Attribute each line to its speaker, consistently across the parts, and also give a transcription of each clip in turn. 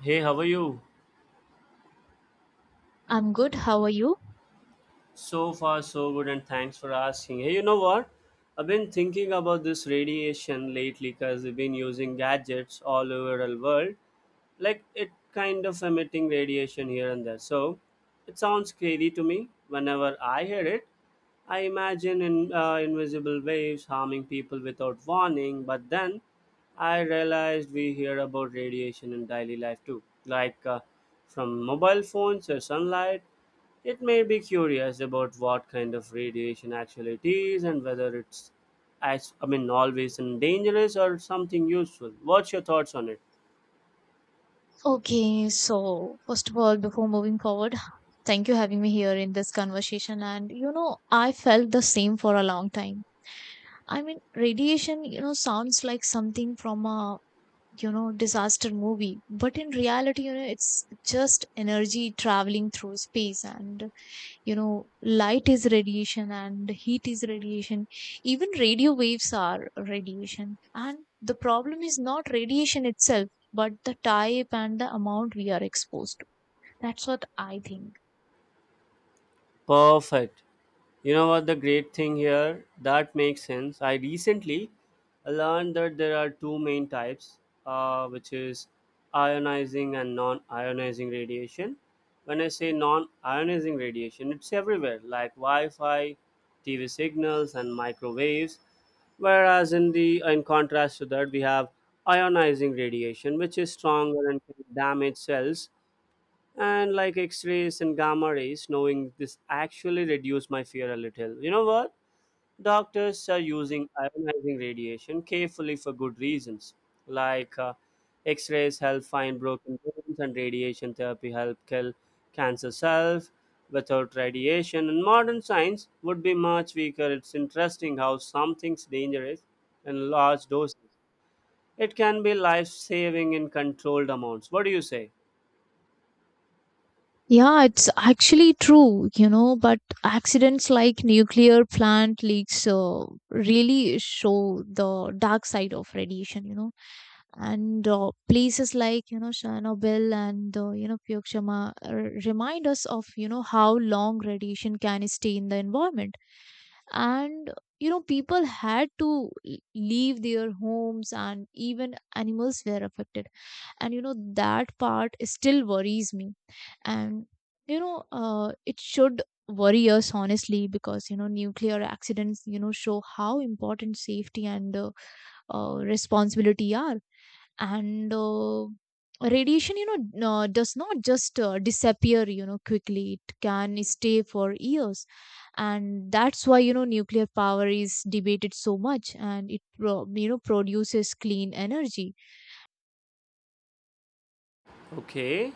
Speaker 1: Hey, how are you?
Speaker 2: I'm good. How are you?
Speaker 1: So far, so good, and thanks for asking. Hey, you know what? I've been thinking about this radiation lately because we've been using gadgets all over the world. Like, it kind of emitting radiation here and there. So, it sounds crazy to me. Whenever I hear it, I imagine in, invisible waves harming people without warning, but then I realized we hear about radiation in daily life too, like from mobile phones or sunlight. It made me curious about what kind of radiation actually it is and whether it's, always and dangerous or something useful. What's your thoughts on it?
Speaker 2: Okay, so first of all, before moving forward, thank you having me here in this conversation. And I felt the same for a long time. I mean, radiation, sounds like something from a disaster movie, but in reality, it's just energy traveling through space. And light is radiation, and heat is radiation, even radio waves are radiation. And the problem is not radiation itself, but the type and the amount we are exposed to. That's what I think.
Speaker 1: Perfect. You know what the great thing here? That makes sense. I recently learned that there are two main types, which is ionizing and non-ionizing radiation. When I say non-ionizing radiation, it's everywhere, like Wi-Fi, TV signals, and microwaves. Whereas in contrast to that, we have ionizing radiation, which is stronger and can damage cells and like x-rays and gamma rays. Knowing this actually reduced my fear a little. You know what, doctors are using ionizing radiation carefully for good reasons, like x-rays help find broken bones and radiation therapy help kill cancer cells. Without radiation and modern science would be much weaker. It's interesting how something's dangerous in large doses, it can be life saving in controlled amounts. What do you say?
Speaker 2: Yeah, it's actually true, but accidents like nuclear plant leaks really show the dark side of radiation. And places like, Chernobyl and, Fukushima remind us of, how long radiation can stay in the environment. And, people had to leave their homes, and even animals were affected. And that part still worries me. And it should worry us, honestly. Because nuclear accidents show how important safety and responsibility are. And radiation does not just disappear quickly. It can stay for years. And that's why nuclear power is debated so much, and it produces clean energy.
Speaker 1: Okay,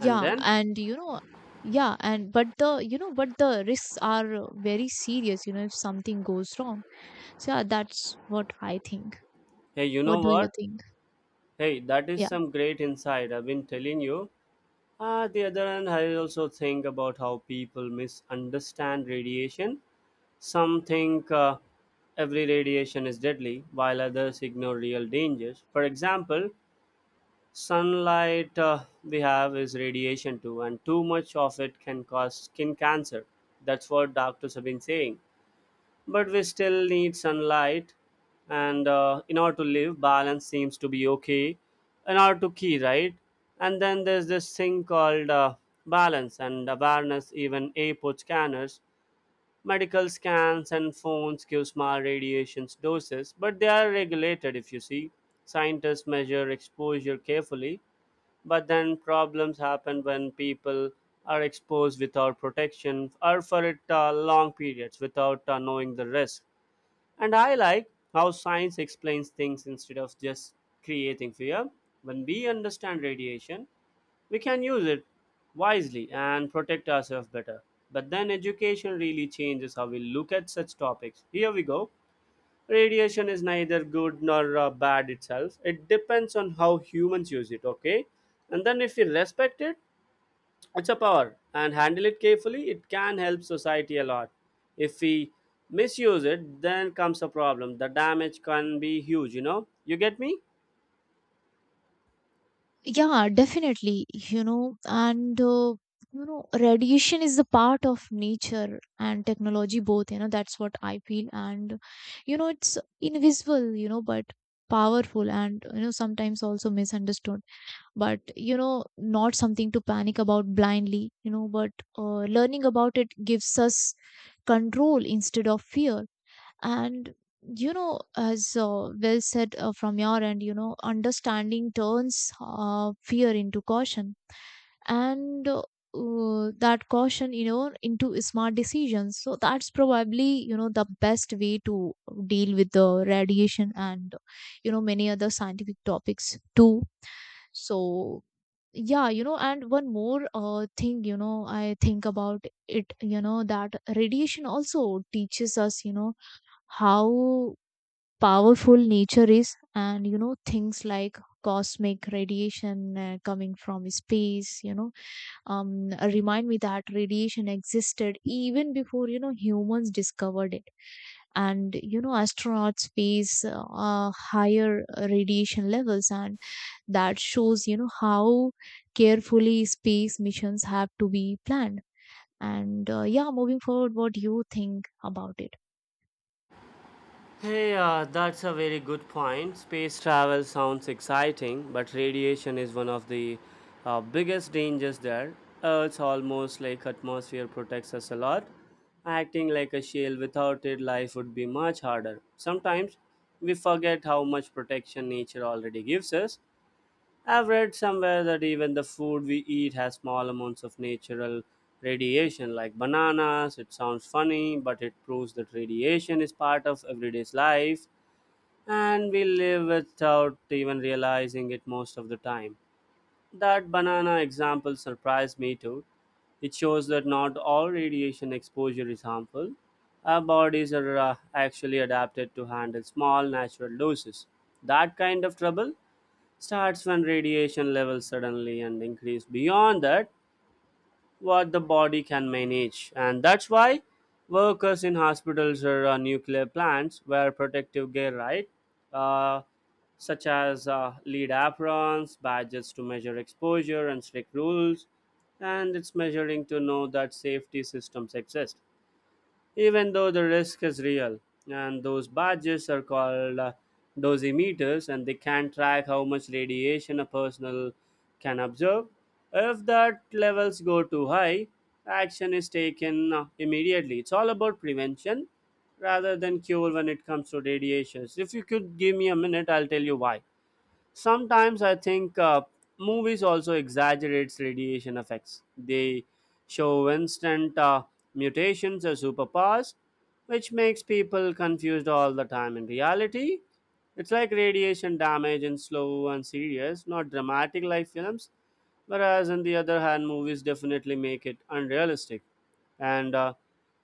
Speaker 1: and then
Speaker 2: and yeah, and but the but the risks are very serious, if something goes wrong. So yeah, that's what I think.
Speaker 1: hey, you know
Speaker 2: What do you
Speaker 1: what?
Speaker 2: think?
Speaker 1: Hey, that is
Speaker 2: Yeah,
Speaker 1: some great insight. I've been telling you. Ah, the other hand, I also think about how people misunderstand radiation. Some think every radiation is deadly, while others ignore real dangers. For example, sunlight we have is radiation too, and too much of it can cause skin cancer. That's what doctors have been saying, but we still need sunlight and in order to live balance seems to be okay, in order to key right. And then there's this thing called balance and awareness. Even airport scanners, medical scans and phones give small radiations doses, but they are regulated. If you see, scientists measure exposure carefully, but then problems happen when people are exposed without protection or for it long periods without knowing the risk. And I like how science explains things instead of just creating fear. When we understand radiation, we can use it wisely and protect ourselves better. But then education really changes how we look at such topics. Here we go. Radiation is neither good nor bad itself. It depends on how humans use it, okay? And then if we respect it, it's a power, and handle it carefully, it can help society a lot. If we misuse it, then comes a problem. The damage can be huge, you know? You get me?
Speaker 2: yeah, definitely, and radiation is the part of nature and technology both, that's what I feel. And it's invisible, but powerful. And sometimes also misunderstood, but not something to panic about blindly. But learning about it gives us control instead of fear. And as well said from your end, understanding turns fear into caution. And that caution, into smart decisions. So that's probably the best way to deal with the radiation, and many other scientific topics too. So yeah, and one more thing, I think about it, that radiation also teaches us, how powerful nature is. And things like cosmic radiation coming from space, remind me that radiation existed even before humans discovered it. And astronauts face higher radiation levels. And that shows how carefully space missions have to be planned. And yeah, moving forward, what do you think about it?
Speaker 1: Hey, that's a very good point. Space travel sounds exciting, but radiation is one of the biggest dangers there. Earth's almost like atmosphere protects us a lot. Acting like a shield without it, life would be much harder. Sometimes we forget how much protection nature already gives us. I've read somewhere that even the food we eat has small amounts of natural radiation, like bananas. It sounds funny, but it proves that radiation is part of everyday's life, and we live without even realizing it most of the time. That banana example surprised me too. It shows that not all radiation exposure is harmful. Our bodies are actually adapted to handle small natural doses. That kind of trouble starts when radiation levels suddenly and increase beyond that what the body can manage. And that's why workers in hospitals or nuclear plants wear protective gear, right? uh, Such as lead aprons, badges to measure exposure and strict rules. And it's measuring to know that safety systems exist even though the risk is real. And those badges are called dosimeters, and they can track how much radiation a person can observe. If that levels go too high, action is taken immediately. It's all about prevention rather than cure when it comes to radiations. If you could give me a minute, I'll tell you why. Sometimes I think movies also exaggerates radiation effects. They show instant mutations as superpowers, which makes people confused all the time. In reality, it's like radiation damage in slow and serious, not dramatic like films. Whereas on the other hand, movies definitely make it unrealistic. And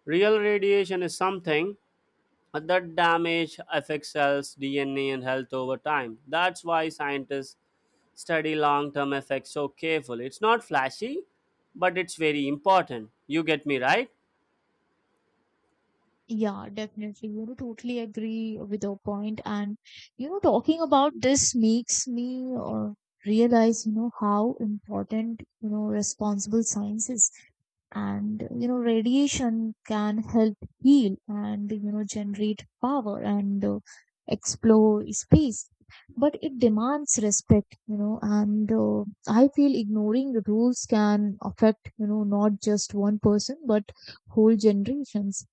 Speaker 1: real radiation is something that damage affects cells, DNA, and health over time. That's why scientists study long term effects so carefully. It's not flashy, but it's very important. You get me, right?
Speaker 2: Yeah, definitely. Totally agree with your point. And, talking about this makes me realize, how important, responsible science is. And, radiation can help heal and, generate power and explore space. But it demands respect, and I feel ignoring the rules can affect, not just one person, but whole generations.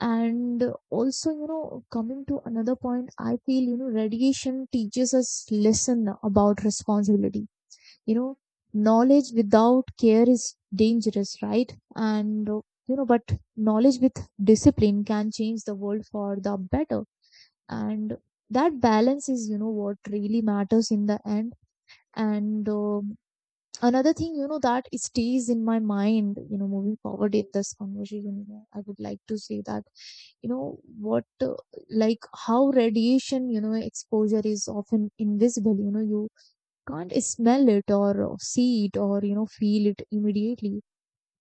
Speaker 2: And also, coming to another point, I feel, radiation teaches us lesson about responsibility. You know, knowledge without care is dangerous, right? And, but knowledge with discipline can change the world for the better. And that balance is, what really matters in the end. And, another thing that stays in my mind, moving forward in this conversation, I would like to say that you know what like how radiation exposure is often invisible. You can't smell it or see it or feel it immediately.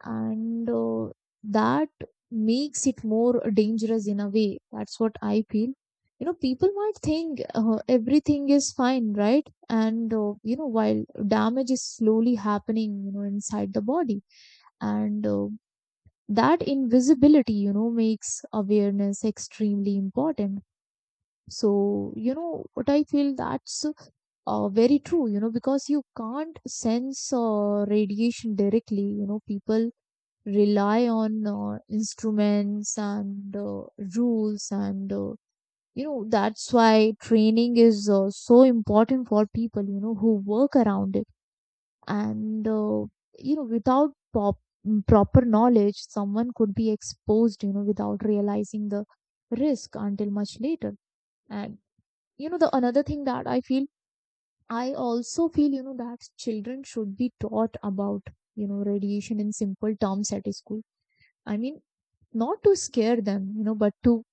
Speaker 2: And that makes it more dangerous in a way. That's what I feel. People might think everything is fine, right? And while damage is slowly happening inside the body. And that invisibility, makes awareness extremely important. So, what I feel, that's very true. Because you can't sense radiation directly, people rely on instruments and rules, and that's why training is so important for people who work around it. And without proper knowledge, someone could be exposed without realizing the risk until much later. And the another thing that I feel, I also feel that children should be taught about radiation in simple terms at school. I mean, not to scare them, but to,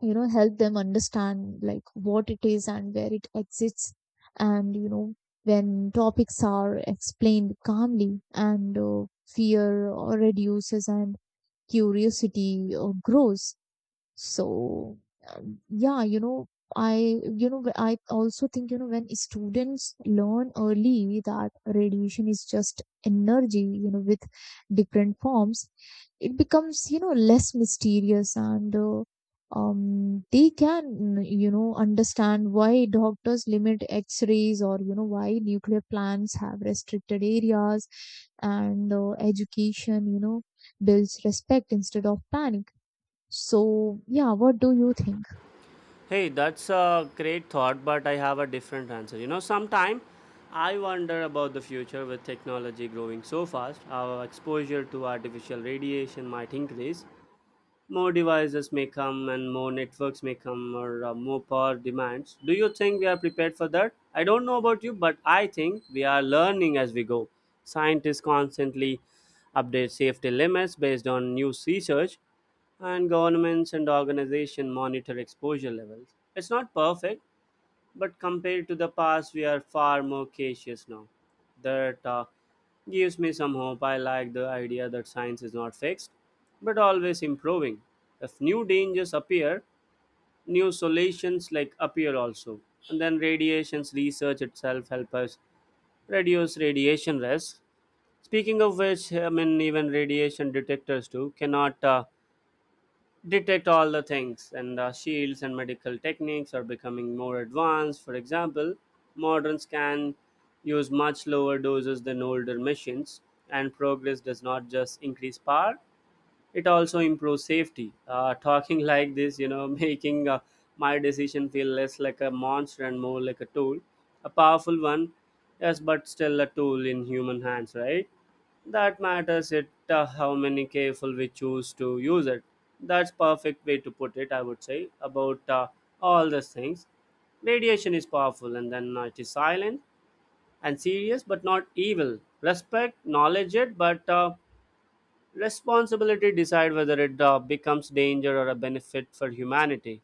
Speaker 2: help them understand like what it is and where it exists. And, when topics are explained calmly, and fear or reduces and curiosity grows. So, yeah, I also think, when students learn early that radiation is just energy, with different forms, it becomes, less mysterious and they can, understand why doctors limit X-rays or, why nuclear plants have restricted areas. And education, builds respect instead of panic. So, yeah, what do you think?
Speaker 1: Hey, that's a great thought, but I have a different answer. You know, sometime I wonder about the future with technology growing so fast. Our exposure to artificial radiation might increase, more devices may come and more networks may come or more power demands. Do you think we are prepared for that? I don't know about you, but I think we are learning as we go. Scientists constantly update safety limits based on new research, and governments and organizations monitor exposure levels. It's not perfect, but compared to the past we are far more cautious now. That gives me some hope. I like the idea that science is not fixed but always improving. If new dangers appear, new solutions like appear also. And then radiations research itself help us reduce radiation risk. Speaking of which, I mean even radiation detectors too cannot detect all the things. And shields and medical techniques are becoming more advanced. For example, modern scan use much lower doses than older machines. And progress does not just increase power, it also improves safety. Talking like this, you know, making my decision feel less like a monster and more like a tool. A powerful one, yes, but still a tool in human hands, right? That matters, it how many careful we choose to use it. That's perfect way to put it, I would say. About all these things, radiation is powerful and then it is silent and serious but not evil. Respect knowledge it, but responsibility decide whether it becomes danger or a benefit for humanity.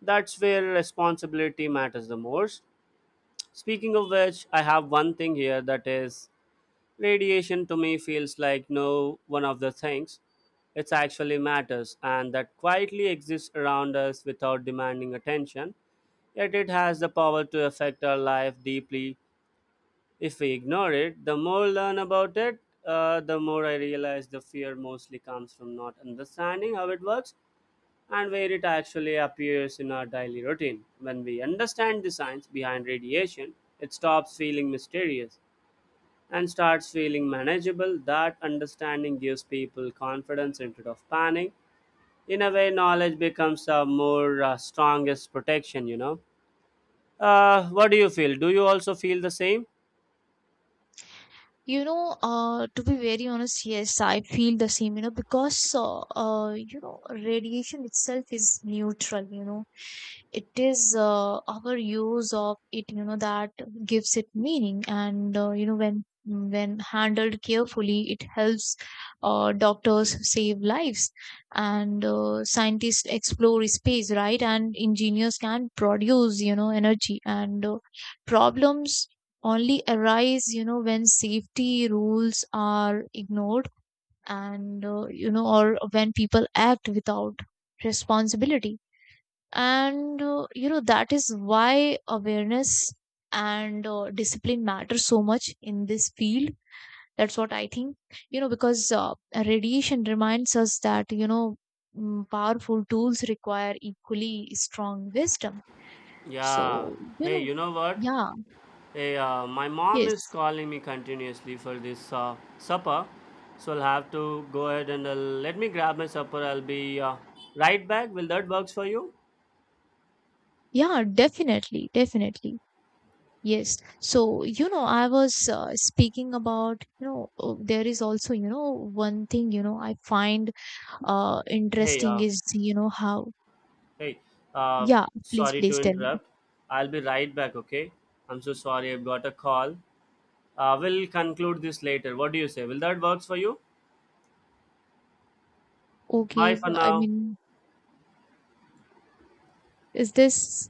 Speaker 1: That's where responsibility matters the most. Speaking of which, I have one thing here, that is radiation to me feels like no one of the things. It actually matters and that quietly exists around us without demanding attention, yet it has the power to affect our life deeply if we ignore it. The more I learn about it, the more I realize the fear mostly comes from not understanding how it works and where it actually appears in our daily routine. When we understand the science behind radiation, it stops feeling mysterious and starts feeling manageable. That understanding gives people confidence instead of panic. In a way, knowledge becomes a more strongest protection, you know. What do you feel? Do you also feel the same?
Speaker 2: To be very honest, yes, I feel the same, because, radiation itself is neutral. It is our use of it, that gives it meaning. And, when handled carefully, it helps doctors save lives and scientists explore space, right? And engineers can produce, energy and problems only arise when safety rules are ignored. And or when people act without responsibility. And that is why awareness and discipline matter so much in this field. That's what I think. Because radiation reminds us that, powerful tools require equally strong wisdom.
Speaker 1: Yeah.
Speaker 2: So, you
Speaker 1: Hey,
Speaker 2: know
Speaker 1: you know what?
Speaker 2: yeah.
Speaker 1: Hey, my mom is
Speaker 2: Yes.
Speaker 1: calling me continuously for this supper, so I'll have to go ahead and let me grab my supper. I'll be right back. Will that works for you?
Speaker 2: Yeah, definitely, definitely. Yes. So, I was speaking about, there is also, one thing, I find
Speaker 1: Hey,
Speaker 2: interesting
Speaker 1: uh,
Speaker 2: is, how,
Speaker 1: hey, uh,
Speaker 2: yeah, please,
Speaker 1: sorry to
Speaker 2: please tell me.
Speaker 1: interrupt. I'll be right back. Okay, I'm so sorry. I've got a call. We'll conclude this later. What do you say? Will that works for you?
Speaker 2: Okay,
Speaker 1: Bye for
Speaker 2: I
Speaker 1: now.
Speaker 2: mean, is this